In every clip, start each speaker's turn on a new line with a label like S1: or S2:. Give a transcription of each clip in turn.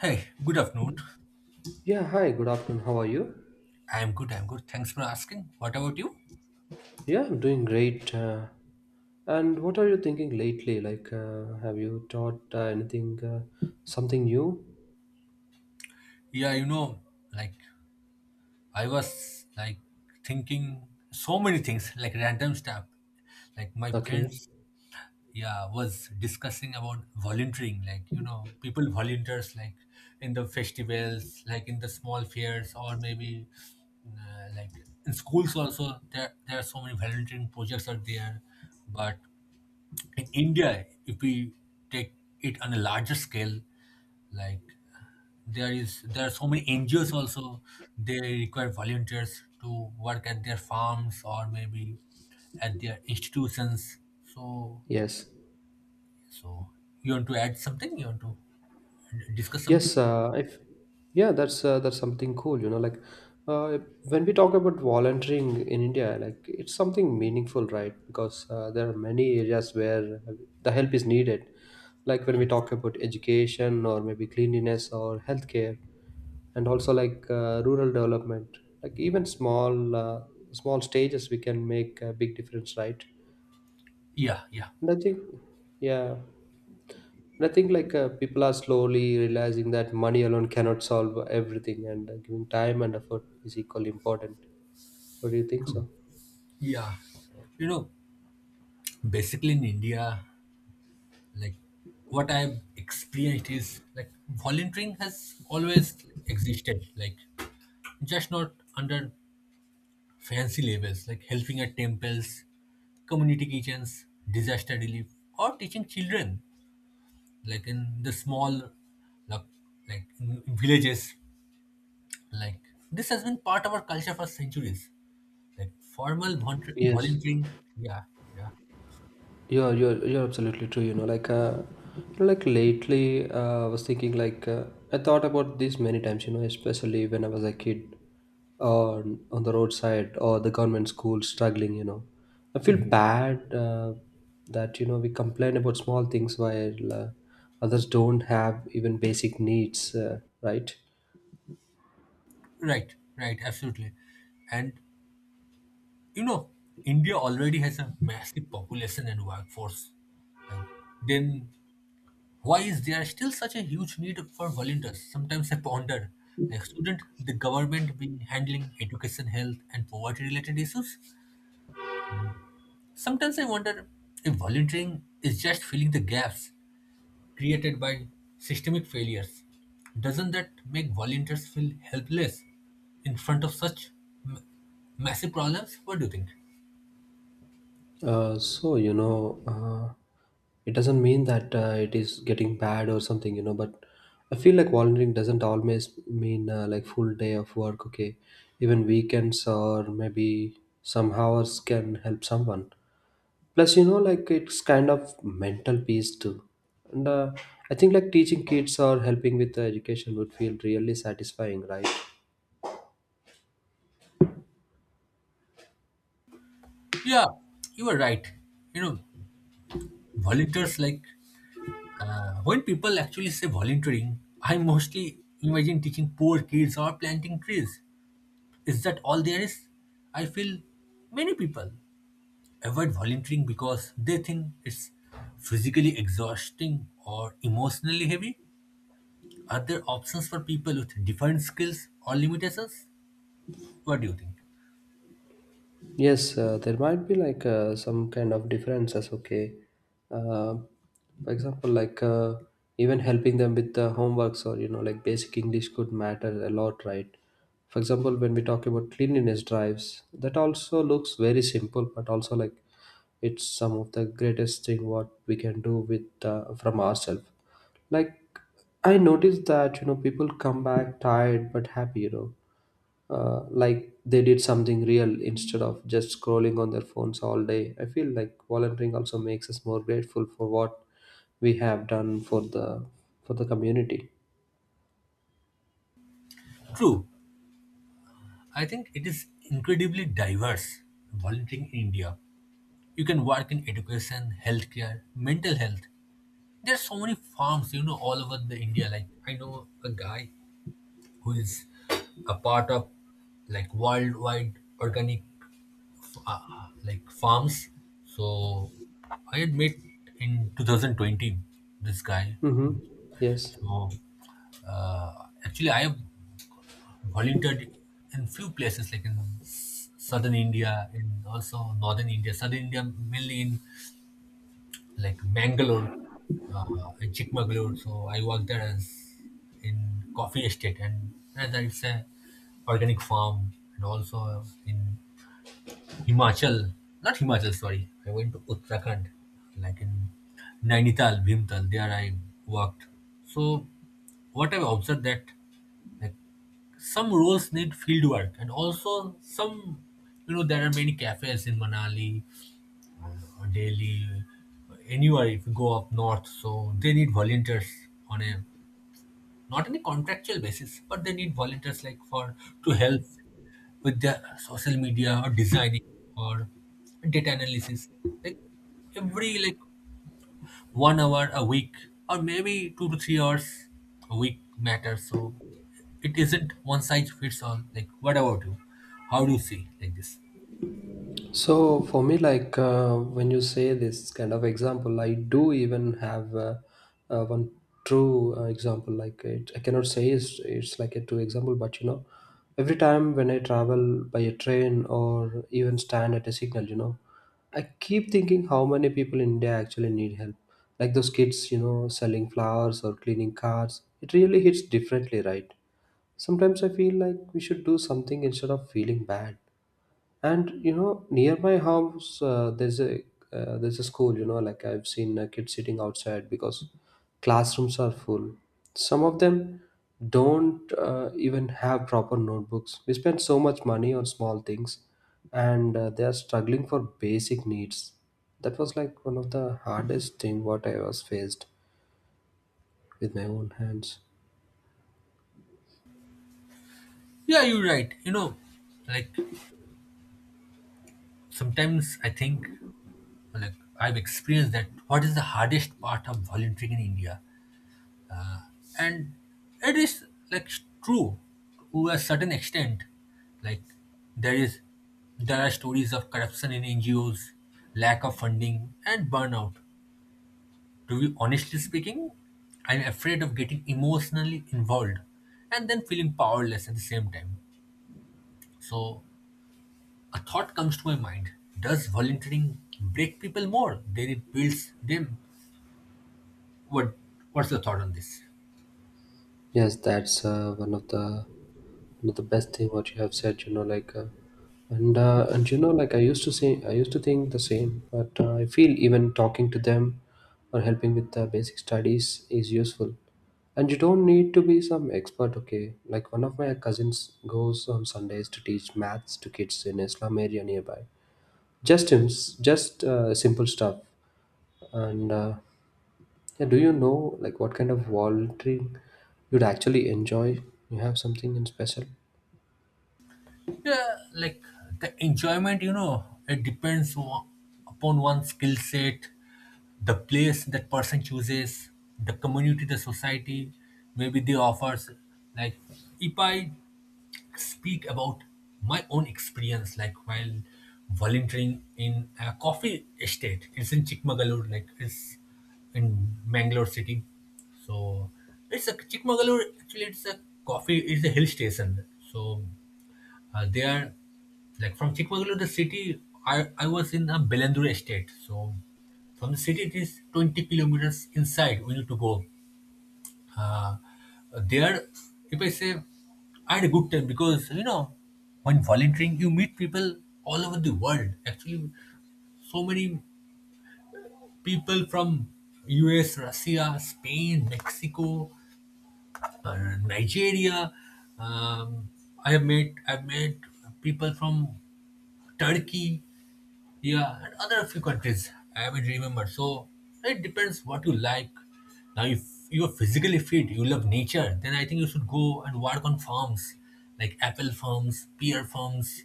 S1: Hey, good afternoon.
S2: Yeah, hi, good afternoon. How are you?
S1: I'm good, I'm good. Thanks for asking. What about you?
S2: Yeah, I'm doing great. And what are you thinking lately? Have you taught anything, something new?
S1: Yeah, you know, like I was like thinking so many things, like random stuff. Like my
S2: Okay,
S1: friends, yeah, was discussing about volunteering, like, you know, people volunteers like in the festivals, like in the small fairs, or maybe like in schools also there are so many volunteering projects are there, but in India if we take it on a larger scale, like there are so many NGOs also. They require volunteers to work at their farms or maybe at their institutions. so
S2: yes.
S1: so you want to add something, you want to discuss something?
S2: Yes, if yeah, that's something cool. When we talk about volunteering in India, like it's something meaningful, right? Because there are many areas where the help is needed. Like when we
S1: Yes.
S2: talk about education or maybe cleanliness or healthcare, and also rural development. Like even small stages, we can make a big difference, right?
S1: Yeah, yeah.
S2: And I think, yeah. And I think people are slowly realizing that money alone cannot solve everything, and giving time and effort is equally important. What do you think
S1: True.
S2: so?
S1: Yeah, you know, basically in India, like what I've experienced is like volunteering has always existed, like just not under fancy labels, like helping at temples, community kitchens, disaster relief, or teaching children, like in the small, like, like in villages. Like this has been part of our culture for centuries. Like formal
S2: Yes.
S1: volunteering, yeah, yeah.
S2: You're absolutely true. Lately, I was thinking I thought about this many times. You know, especially when I was a kid, or on the roadside or the government school struggling. You know, I feel bad that you know we complain about small things while others don't have even basic needs. Right?
S1: Right, right, absolutely. And you know, India already has a massive population and workforce. Like then why is there still such a huge need for volunteers? Sometimes I ponder, like shouldn't the government be handling education, health, and poverty-related issues? Sometimes I wonder if volunteering is just filling the gaps created by systemic failures. Doesn't that make volunteers feel helpless in front of such m- massive problems? What do you think?
S2: So you know, it doesn't mean that it is getting bad or something, you know. But I feel like volunteering doesn't always mean like full day of work. Okay, even weekends or maybe some hours can help someone. Plus, you know, like it's kind of mental peace too. And I think like teaching kids or helping with the education would feel really satisfying, right?
S1: Yeah, you are right. You know, volunteers like, when people actually say volunteering, I mostly imagine teaching poor kids or planting trees. Is that all there is? I feel many people avoid volunteering because they think it's physically exhausting or emotionally heavy. Are there options for people with different skills or limitations? What do you think?
S2: Yes, there might be some kind of differences. Okay, uh, for example, even helping them with the homeworks or you know like basic English could matter a lot, right? For example, when we talk about cleanliness drives, that also looks very simple, but also like it's some of the greatest thing what we can do with from ourselves. Like I noticed that you know people come back tired but happy, you know like they did something real instead of just scrolling on their phones all day. I feel like volunteering also makes us more grateful for what we have done for the community.
S1: True, I think it is incredibly diverse, volunteering in India. You can work in education, healthcare, mental health. There's so many farms, you know, all over the India. Like I know a guy who is a part of like worldwide organic, like farms. So I had met in 2020 this guy.
S2: Mm-hmm. Yes.
S1: So actually, I have volunteered in few places, like in southern India and also northern India. Southern India mainly in like Mangalore, in Chikmagalur. So I worked there as in coffee estate, and as it's a organic farm. And also in Himachal, not Himachal, sorry. I went to Uttarakhand, like in Nainital, Bhimtal. There I worked. So what I've observed that, like, some roles need field work, and also some, you know, there are many cafes in Manali, Delhi, anywhere if you go up north. So they need volunteers, on a not on a contractual basis, but they need volunteers like for to help with their social media or designing or data analysis. Like every, like, 1 hour a week, or maybe 2 to 3 hours a week matters. So it isn't one size fits all. Like, what about you? How do you see like this?
S2: So for me, when you say this kind of example, I do even have one true example. Like it, I cannot say it's like a true example, but you know, every time when I travel by a train or even stand at a signal, you know, I keep thinking how many people in India actually need help. Like those kids, you know, selling flowers or cleaning cars. It really hits differently, right? Sometimes I feel like we should do something instead of feeling bad. And you know, near my house, there's a school. You know, like I've seen kids sitting outside because classrooms are full. Some of them don't even have proper notebooks. We spend so much money on small things, and they are struggling for basic needs. That was like one of the hardest thing what I was faced with my own hands.
S1: Yeah, you're right. You know, like sometimes I think, like I've experienced that what is the hardest part of volunteering in India, and it is like true to a certain extent. Like there is, there are stories of corruption in NGOs, lack of funding, and burnout. To be honestly speaking, I'm afraid of getting emotionally involved and then feeling powerless at the same time. So a thought comes to my mind: does volunteering break people more than it builds them? what what's the thought on this?
S2: Yes, that's one of the best thing what you have said. And you know, like I used to say, I used to think the same, but I feel even talking to them or helping with the basic studies is useful. And you don't need to be some expert, okay? Like one of my cousins goes on Sundays to teach maths to kids in Islam area nearby. Just him, just simple stuff, and. Yeah, do you know like what kind of volunteering you'd actually enjoy? You have something in special?
S1: Yeah, like the enjoyment, you know, it depends upon one's skill set, the place that person chooses, the community, the society, maybe they offers. Like, if I speak about my own experience, like while volunteering in a coffee estate. It's in Chikmagalur, like it's in Mangalore city. So it's a Chikmagalur. Actually, it's a coffee. It's a hill station. So they are like from Chikmagalur, the city. I was in a Belandur estate. So from the city, it is 20 kilometers inside. We need to go. Uh, there, if I say, I had a good time, because you know, when volunteering, you meet people all over the world. Actually, so many people from U.S., Russia, Spain, Mexico, Nigeria. Um, I have met. I've met people from Turkey. Yeah, and other few countries I will remember. So it depends what you like. Now, if you are physically fit, you love nature, then I think you should go and work on farms, like apple farms, pear farms,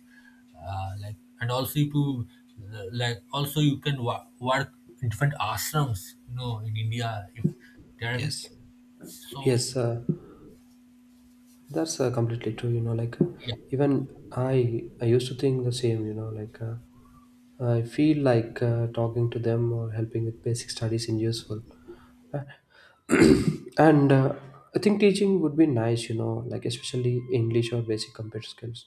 S1: like, and also if you like also you can work in different ashrams. You know, in India, if there are,
S2: Yes,
S1: so
S2: yes, that's completely true.
S1: yeah,
S2: Even I used to think the same. I feel talking to them or helping with basic studies is useful. And I think teaching would be nice. You know, like especially English or basic computer skills.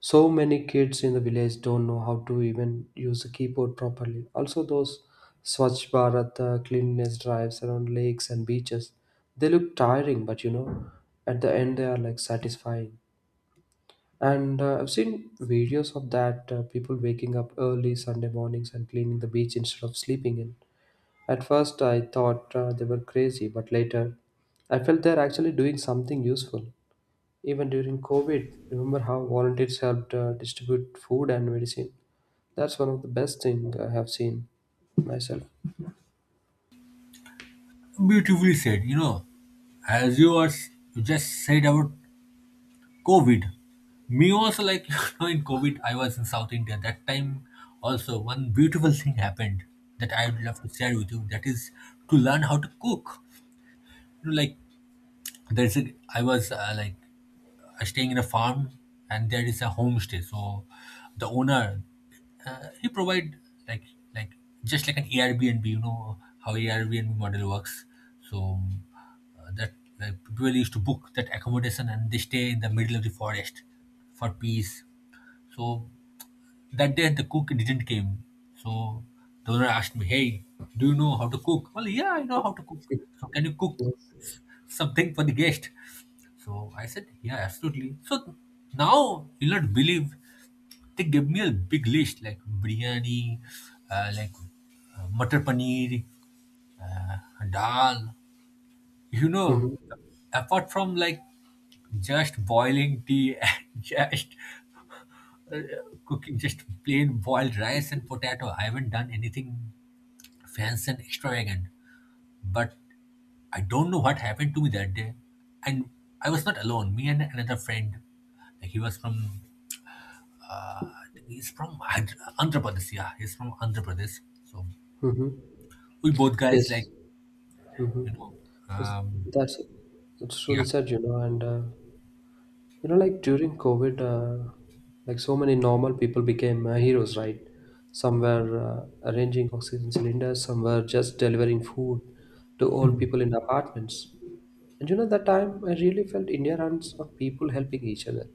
S2: So many kids in the village don't know how to even use a keyboard properly. Also, those Swachh Bharat cleanliness drives around lakes and beaches, they look tiring, but you know, at the end they are like satisfying. And I've seen videos of that people waking up early Sunday mornings and cleaning the beach instead of sleeping in. At first, I thought they were crazy, but later, I felt they're actually doing something useful. Even during COVID, remember how volunteers helped distribute food and medicine? That's one of the best thing I have seen myself.
S1: beautifully said. You know, as you just said about COVID. Me also, like, you know, in COVID, I was in South India. That time, also, one beautiful thing happened that I would love to share with you. That is to learn how to cook. You know, like, I was staying in a farm, and there is a homestay. So the owner, he provide like, like just like an Airbnb. You know how Airbnb model works. So uh, that people used to book that accommodation, and they stay in the middle of the forest for peace. So that day the cook didn't came. So the owner asked me, Hey, do you know how to cook? Well, yeah, I know how to cook. So can you cook
S2: Yes.
S1: s- something for the guest? So I said, Yeah, absolutely. So now you'll not believe, they gave me a big list, like biryani, uh, like matar paneer, dal. You know,
S2: Mm-hmm.
S1: apart from, like, just boiling tea and just cooking just plain boiled rice and potato. I haven't done anything fancy and extravagant. But I don't know what happened to me that day. And I was not alone. Me and another friend, like he was from, I think he's from Andhra Pradesh. Yeah, he's from Andhra Pradesh. So
S2: Mm-hmm.
S1: we both guys, like,
S2: Yes. Mm-hmm.
S1: you know,
S2: Yes.
S1: um,
S2: That's it. It's
S1: yeah.
S2: truly sad, you know. And you know, like during COVID, like so many normal people became heroes, right? Some were arranging oxygen cylinders, some were just delivering food to old
S1: Mhm.
S2: people in apartments. And you know, that time I really felt India runs on people helping each other.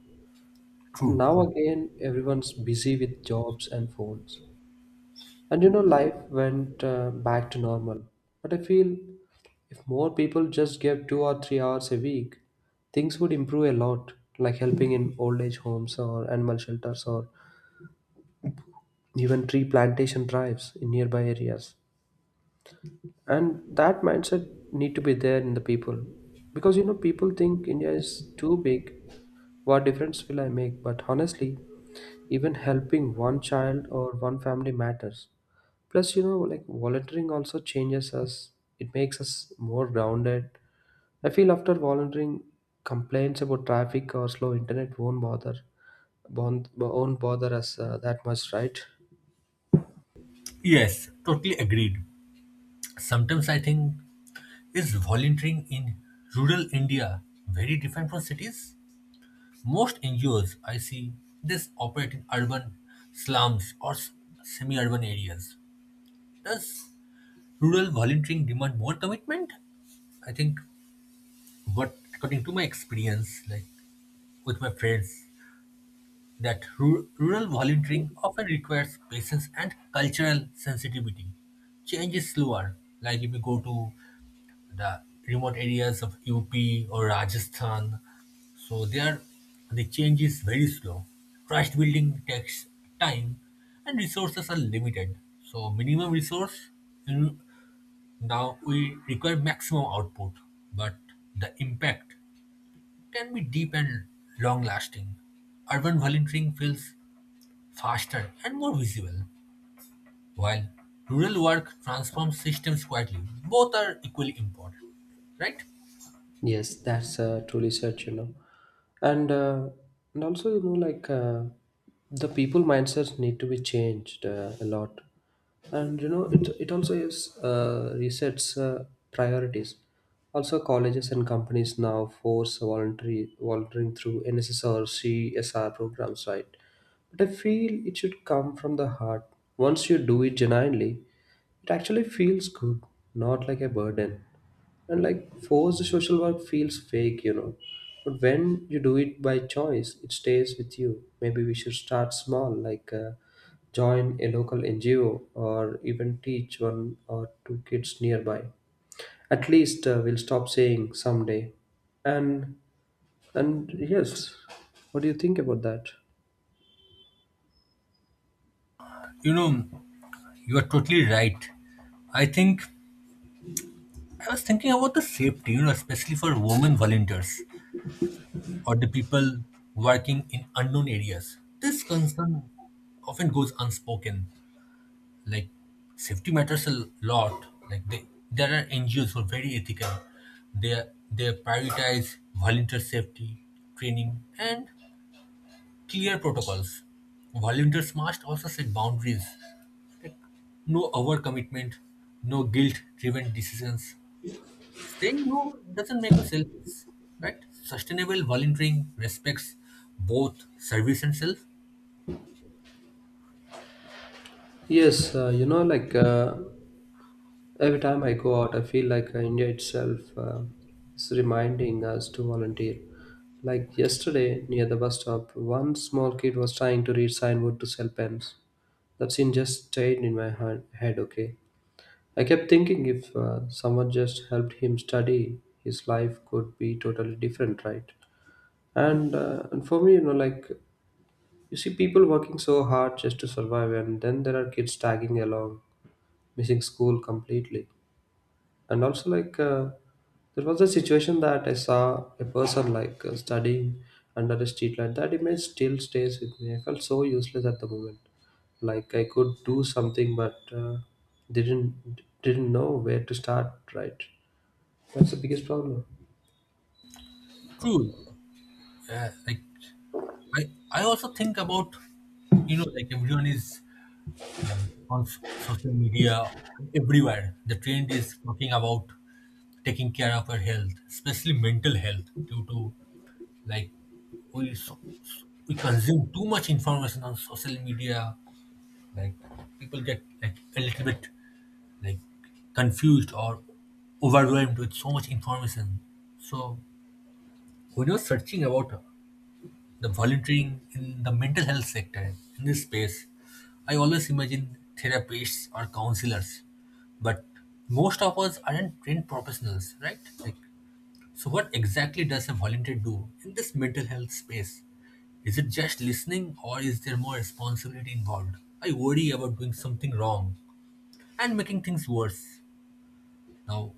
S2: But
S1: True,
S2: now
S1: true.
S2: again, everyone's busy with jobs and phones. And you know, life went back to normal. But I feel if more people just gave 2 or 3 hours a week, things would improve a lot, like helping in old age homes or animal shelters or even tree plantation drives in nearby areas. And that mindset need to be there in the people, because you know people think India is too big, what difference will I make? But honestly, even helping one child or one family matters. Plus, you know, like volunteering also changes us, it makes us more grounded. I feel after volunteering, complaints about traffic or slow internet won't bother, won't bother us that much, right?
S1: Yes, totally agreed. Sometimes I think, is volunteering in rural India very different from cities? Most NGOs I see this operate in urban slums or semi-urban areas. Does rural volunteering demand more commitment? I think what, according to my experience, like with my friends, that rural volunteering often requires patience and cultural sensitivity. Change is slower. Like if you go to the remote areas of UP or Rajasthan. So there, the change is very slow. Trust building takes time, and resources are limited. So minimum resource, you- now we require maximum output, but the impact can be deep and long lasting. Urban volunteering feels faster and more visible, while rural work transforms systems quietly. Both are equally important, right?
S2: Yes, that's truly such, you know. And uh, and also, you know, the people mindsets need to be changed a lot. And you know, it also is resets priorities. Also, colleges and companies now force voluntary volunteering through NSS or CSR programs, right? But I feel it should come from the heart. Once you do it genuinely, it actually feels good, not like a burden. And like forced social work feels fake, you know, but when you do it by choice it stays with you. Maybe we should start small, join a local NGO or even teach one or two kids nearby. At least we'll stop saying someday. and and yes, what do you think about that?
S1: You know, you are totally right. I think I was thinking about the safety, you know, especially for women volunteers or the people working in unknown areas. This concern often goes unspoken. Like, safety matters a lot. Like there are NGOs who are very ethical. They they prioritize volunteer safety, training, and clear protocols. Volunteers must also set boundaries. No overcommitment, no guilt-driven decisions. Saying no doesn't make you selfish, right? Sustainable volunteering respects both service and self.
S2: Yes, every time I go out, I feel India itself is reminding us to volunteer. Like yesterday, near the bus stop, one small kid was trying to read signboard to sell pens. That scene just stayed in my heart, head, okay? I kept thinking if someone just helped him study, his life could be totally different, right? And for me, you know, like, you see people working so hard just to survive, and then there are kids tagging along, missing school completely. And also there was a situation that I saw a person studying under a streetlight. That image still stays with me. I felt so useless at the moment, like I could do something, but didn't know where to start, right? That's the biggest problem.
S1: True. Like I also think about, you know, like everyone is like on social media everywhere. The trend is talking about taking care of our health, especially mental health, due to, like, we so, so- we consume too much information on social media. Like, people get like a little bit like confused or overwhelmed with so much information. So when I was searching about the volunteering in the mental health sector, in this space, I always imagine therapists or counselors, but most of us aren't trained professionals, right? Like, so what exactly does a volunteer do in this mental health space? Is it just listening, or is there more responsibility involved? I worry about doing something wrong and making things worse. Now,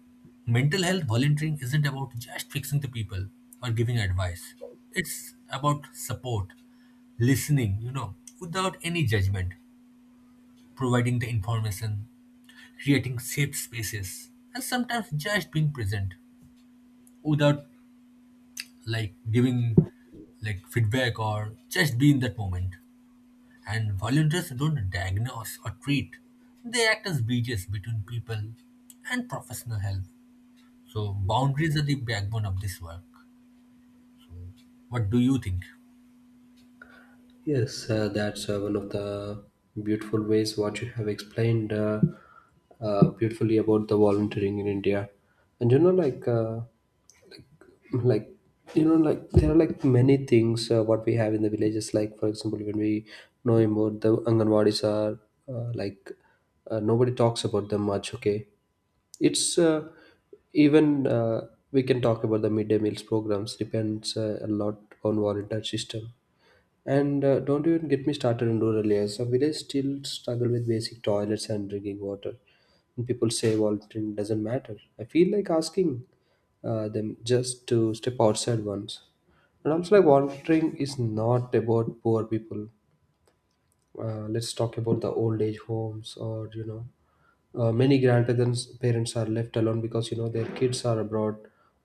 S1: mental health volunteering isn't about just fixing the people or giving advice. It's about support, listening, you know, without any judgment, providing the information, creating safe spaces, and sometimes just being present, without, like, giving like feedback, or just be in that moment. And volunteers don't diagnose or treat. They act as bridges between people and professional help. So boundaries are the backbone of this work. What do you think?
S2: Yes, that's one of the beautiful ways what you have explained beautifully about the volunteering in India. And you know, like you know like there are like many things what we have in the villages, like for example when we know about the anganwadis are uh, like nobody talks about them much, okay? it's even We can talk about the midday meals programs, depends a lot on volunteer system. And don't even get me started on rural areas. Some villages still struggle with basic toilets and drinking water. And people say volunteering doesn't matter. I feel like asking them just to step outside once. And also, like volunteering is not about poor people. Let's talk about the old age homes, or you know, many grandparents parents are left alone because you know their kids are abroad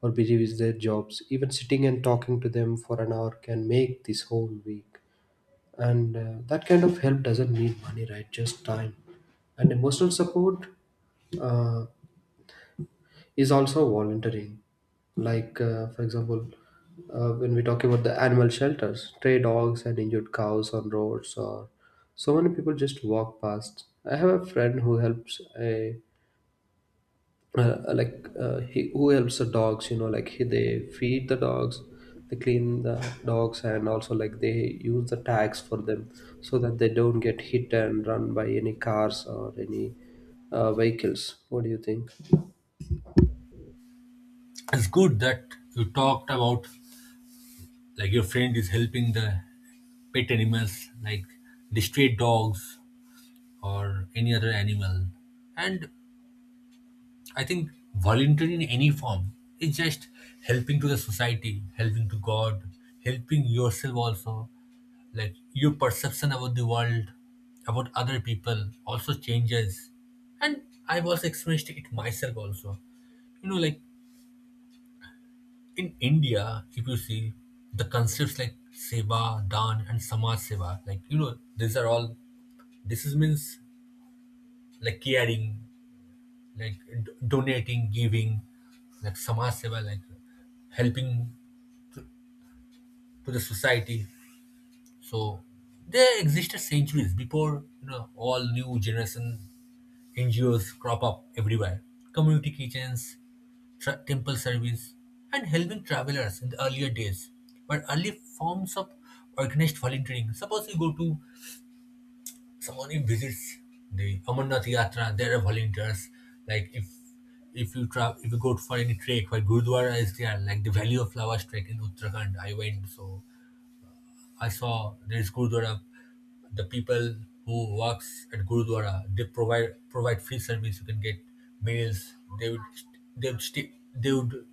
S2: or busy with their jobs. Even sitting and talking to them for an hour can make this whole week, and that kind of help doesn't need money, right? Just time and emotional support uh, is also volunteering. Like for example, when we talk about the animal shelters, stray dogs and injured cows on roads, or so many people just walk past. I have a friend who helps a like he who helps the dogs, you know, like they feed the dogs, they clean the dogs, and also like they use the tags for them, so that they don't get hit and run by any cars or any vehicles. What do you think?
S1: It's good that you talked about, like, your friend is helping the pet animals, like the stray dogs or any other animal. And I think volunteering in any form is just helping to the society, helping to God, helping yourself also. Like your perception about the world, about other people also changes. And I've also experienced it myself also. You know, like In India, if you see the concepts like seva, dan, and samaj seva, these are all. This is means like caring, like donating, giving, like samaj seva, like helping to the society. So they existed centuries before all new generation NGOs crop up everywhere. Community kitchens, temple service, and helping travelers in the earlier days were early forms of organized volunteering. Suppose you go to someone who visits the Amarnath Yatra, there are volunteers. Like if you travel, if you go for any trek, where Gurdwara is there, like the Valley of Flowers trek in Uttarakhand, I went so I saw there is Gurudwara. The people who works at Gurudwara, they provide free service. You can get meals. They would they would stay, they would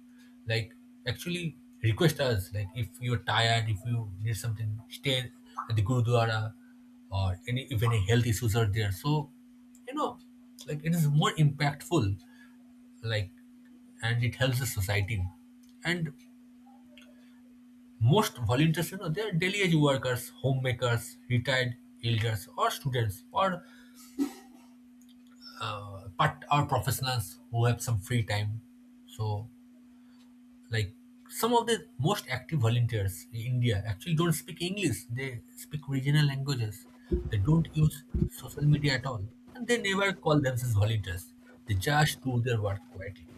S1: like actually request us like if you're tired, if you need something, stay at the Gurudwara or any if any health issues are there. So you know, like it is more impactful. Like and it helps the society. And most volunteers, they are daily age workers, homemakers, retired elders, or students, or part or professionals who have some free time. So, like some of the most active volunteers in India actually don't speak English. They speak regional languages. They don't use social media at all, and they never call themselves volunteers. They just do their work quietly.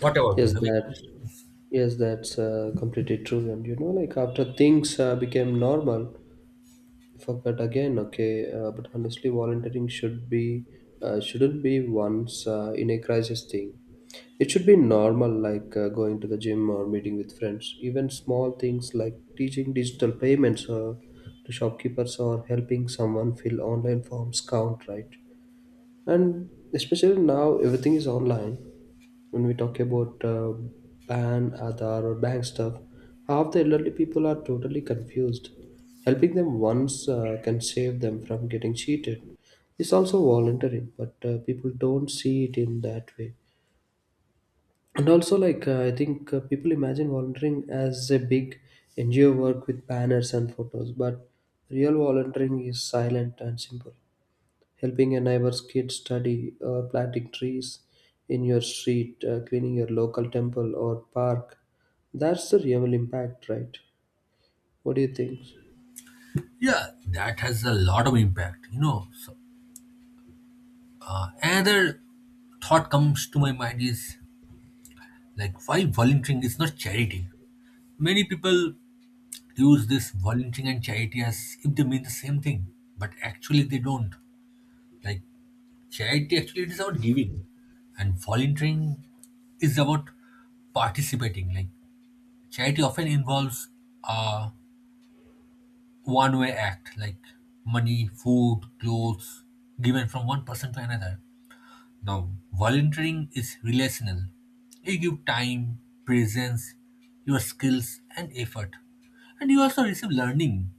S1: What about you?
S2: yes
S1: Have you
S2: that
S1: experienced this?
S2: yes that's completely true. And you know, like, after things became normal. Forgot again, okay. But honestly, volunteering should be shouldn't be once in a crisis thing. It should be normal, like going to the gym or meeting with friends. Even small things like teaching digital payments to shopkeepers, or helping someone fill online forms, count, right? And especially now, everything is online. When we talk about ban Aadhaar or bank stuff, half the elderly people are totally confused. Helping them once can save them from getting cheated. It's also voluntary, but people don't see it in that way. And also, like I think people imagine volunteering as a big NGO work with banners and photos, but real volunteering is silent and simple: helping a neighbor's kid study, or planting trees in your street, cleaning your local temple or park. That's the real impact, right? What do you think?
S1: Yeah, that has a lot of impact. So, another thought comes to my mind is like why volunteering is not charity. Many people use this volunteering and charity as if they mean the same thing, but actually they don't. Like charity actually it is about giving and volunteering is about participating. Like charity often involves a one way act like money, food, clothes given from one person to another. Now, volunteering is relational. You give time, presence, your skills, and effort. And you also receive learning,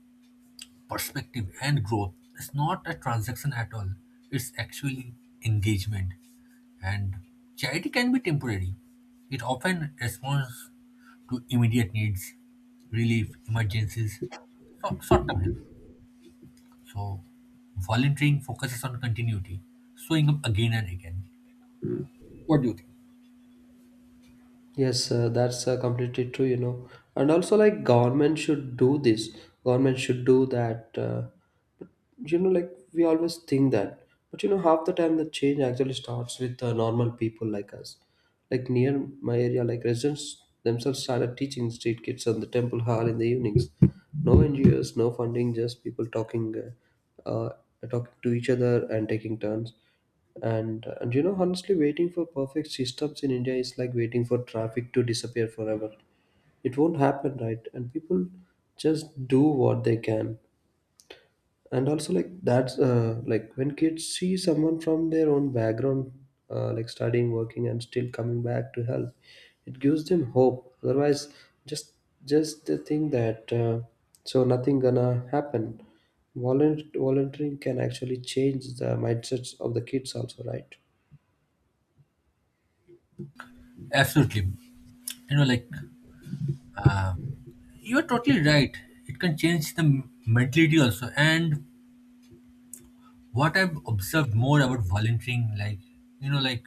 S1: perspective, and growth. It's not a transaction at all, it's actually engagement. And charity can be temporary, it often responds to immediate needs, relief, emergencies, so short term help. So, volunteering focuses on continuity, showing up again and again. What do you think?
S2: Yes, that's completely true, you know. And also, like, government should do this, government should do that. But, you know, like, we always think that. But, you know, half the time the change actually starts with normal people like us. Like, near my area, like, residents themselves started teaching street kids on the temple hall in the evenings. No NGOs, no funding, just people talking, uh, uh, talking to each other and taking turns. And you know, honestly, waiting for perfect systems in India is like waiting for traffic to disappear forever. It won't happen, right? And people just do what they can. And also, like, that's like when kids see someone from their own background, like studying, working, and still coming back to help, it gives them hope. Otherwise, just just the thing that so nothing gonna happen. Volunteering can actually change the mindsets of the kids, also, right?
S1: Absolutely. You know, like, you're totally right. It can change the mentality also. And what I've observed more about volunteering, you know, like,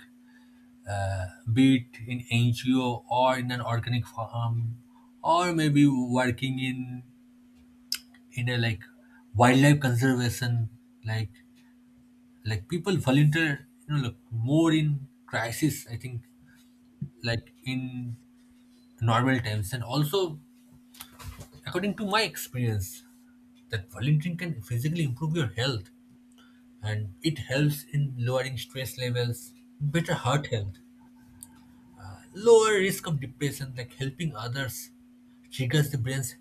S1: be it in NGO or in an organic farm, or maybe working in a like wildlife conservation, like like people volunteer, like more in crisis. I think like in normal times, and also according to my experience, that volunteering can physically improve your health and it helps in lowering stress levels, better heart health, lower risk of depression, like helping others triggers the brain's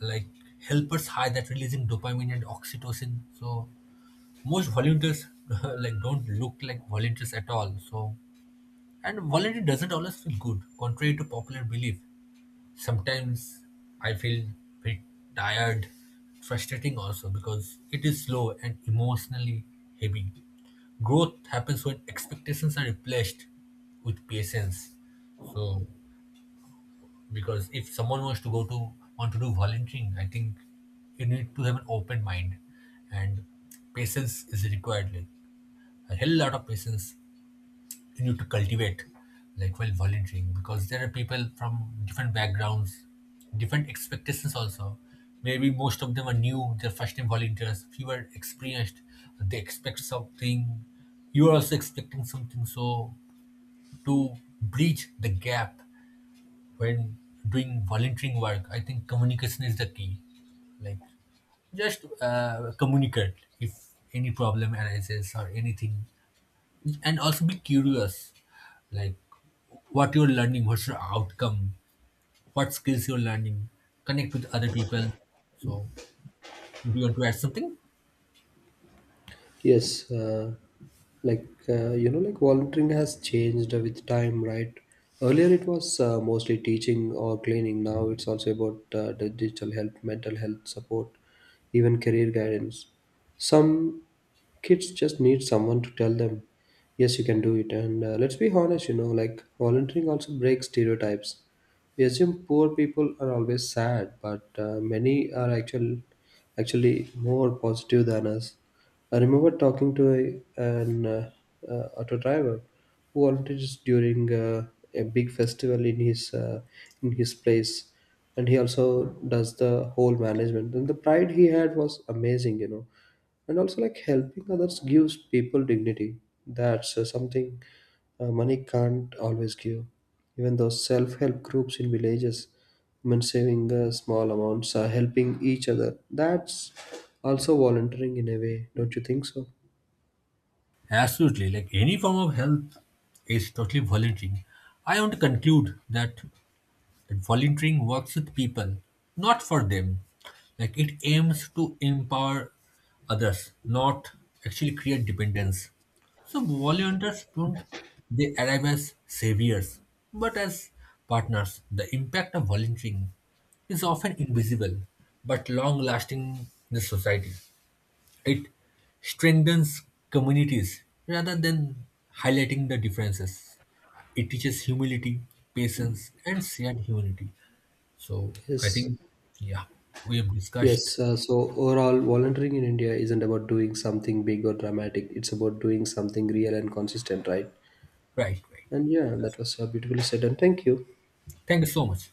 S1: like helpers high that releasing dopamine and oxytocin. So most volunteers like don't look like volunteers at all. So and volunteer doesn't always feel good, contrary to popular belief. Sometimes I feel bit tired, frustrating also because it is slow and emotionally heavy. Growth happens when expectations are replaced with patience. So because if someone wants to go to want to do volunteering, I think you need to have an open mind and patience is required. Like a hell lot of patience you need to cultivate like while volunteering because there are people from different backgrounds different expectations also maybe most of them are new they're first time volunteers few are experienced they expect something you are also expecting something so to bridge the gap when doing volunteering work I think communication is the key like just communicate if any problem arises or anything and also be curious like what you're learning what's your outcome what skills you're learning connect with other people so do you want to add something?
S2: Yes, like you know, like volunteering has changed with time, right? Earlier it was mostly teaching or cleaning. Now it's also about the digital help, mental health support, even career guidance. Some kids just need someone to tell them, yes, you can do it. And let's be honest, you know, like volunteering also breaks stereotypes. We assume poor people are always sad, but many are actually more positive than us. I remember talking to an auto driver who volunteered during a big festival in his place, and he also does the whole management. And the pride he had was amazing, you know. And also like, helping others gives people dignity. That's something money can't always give. Even those self-help groups in villages, men saving small amounts, helping each other, that's also volunteering in a way, don't you think so?
S1: Absolutely. Like any form of help is totally voluntary. I want to conclude that that volunteering works with people, not for them. Like it aims to empower others, not actually create dependence. So volunteers don't they arrive as saviors, but as partners. The impact of volunteering is often invisible but long lasting in the society. It strengthens communities rather than highlighting the differences. It teaches humility, patience, and shared humanity. So I
S2: Yes,
S1: think, yeah, we have discussed.
S2: yes. So overall, volunteering in India isn't about doing something big or dramatic. It's about doing something real and consistent, right?
S1: Right, right.
S2: And yeah, that was beautifully said. And thank you.
S1: Thank you so much.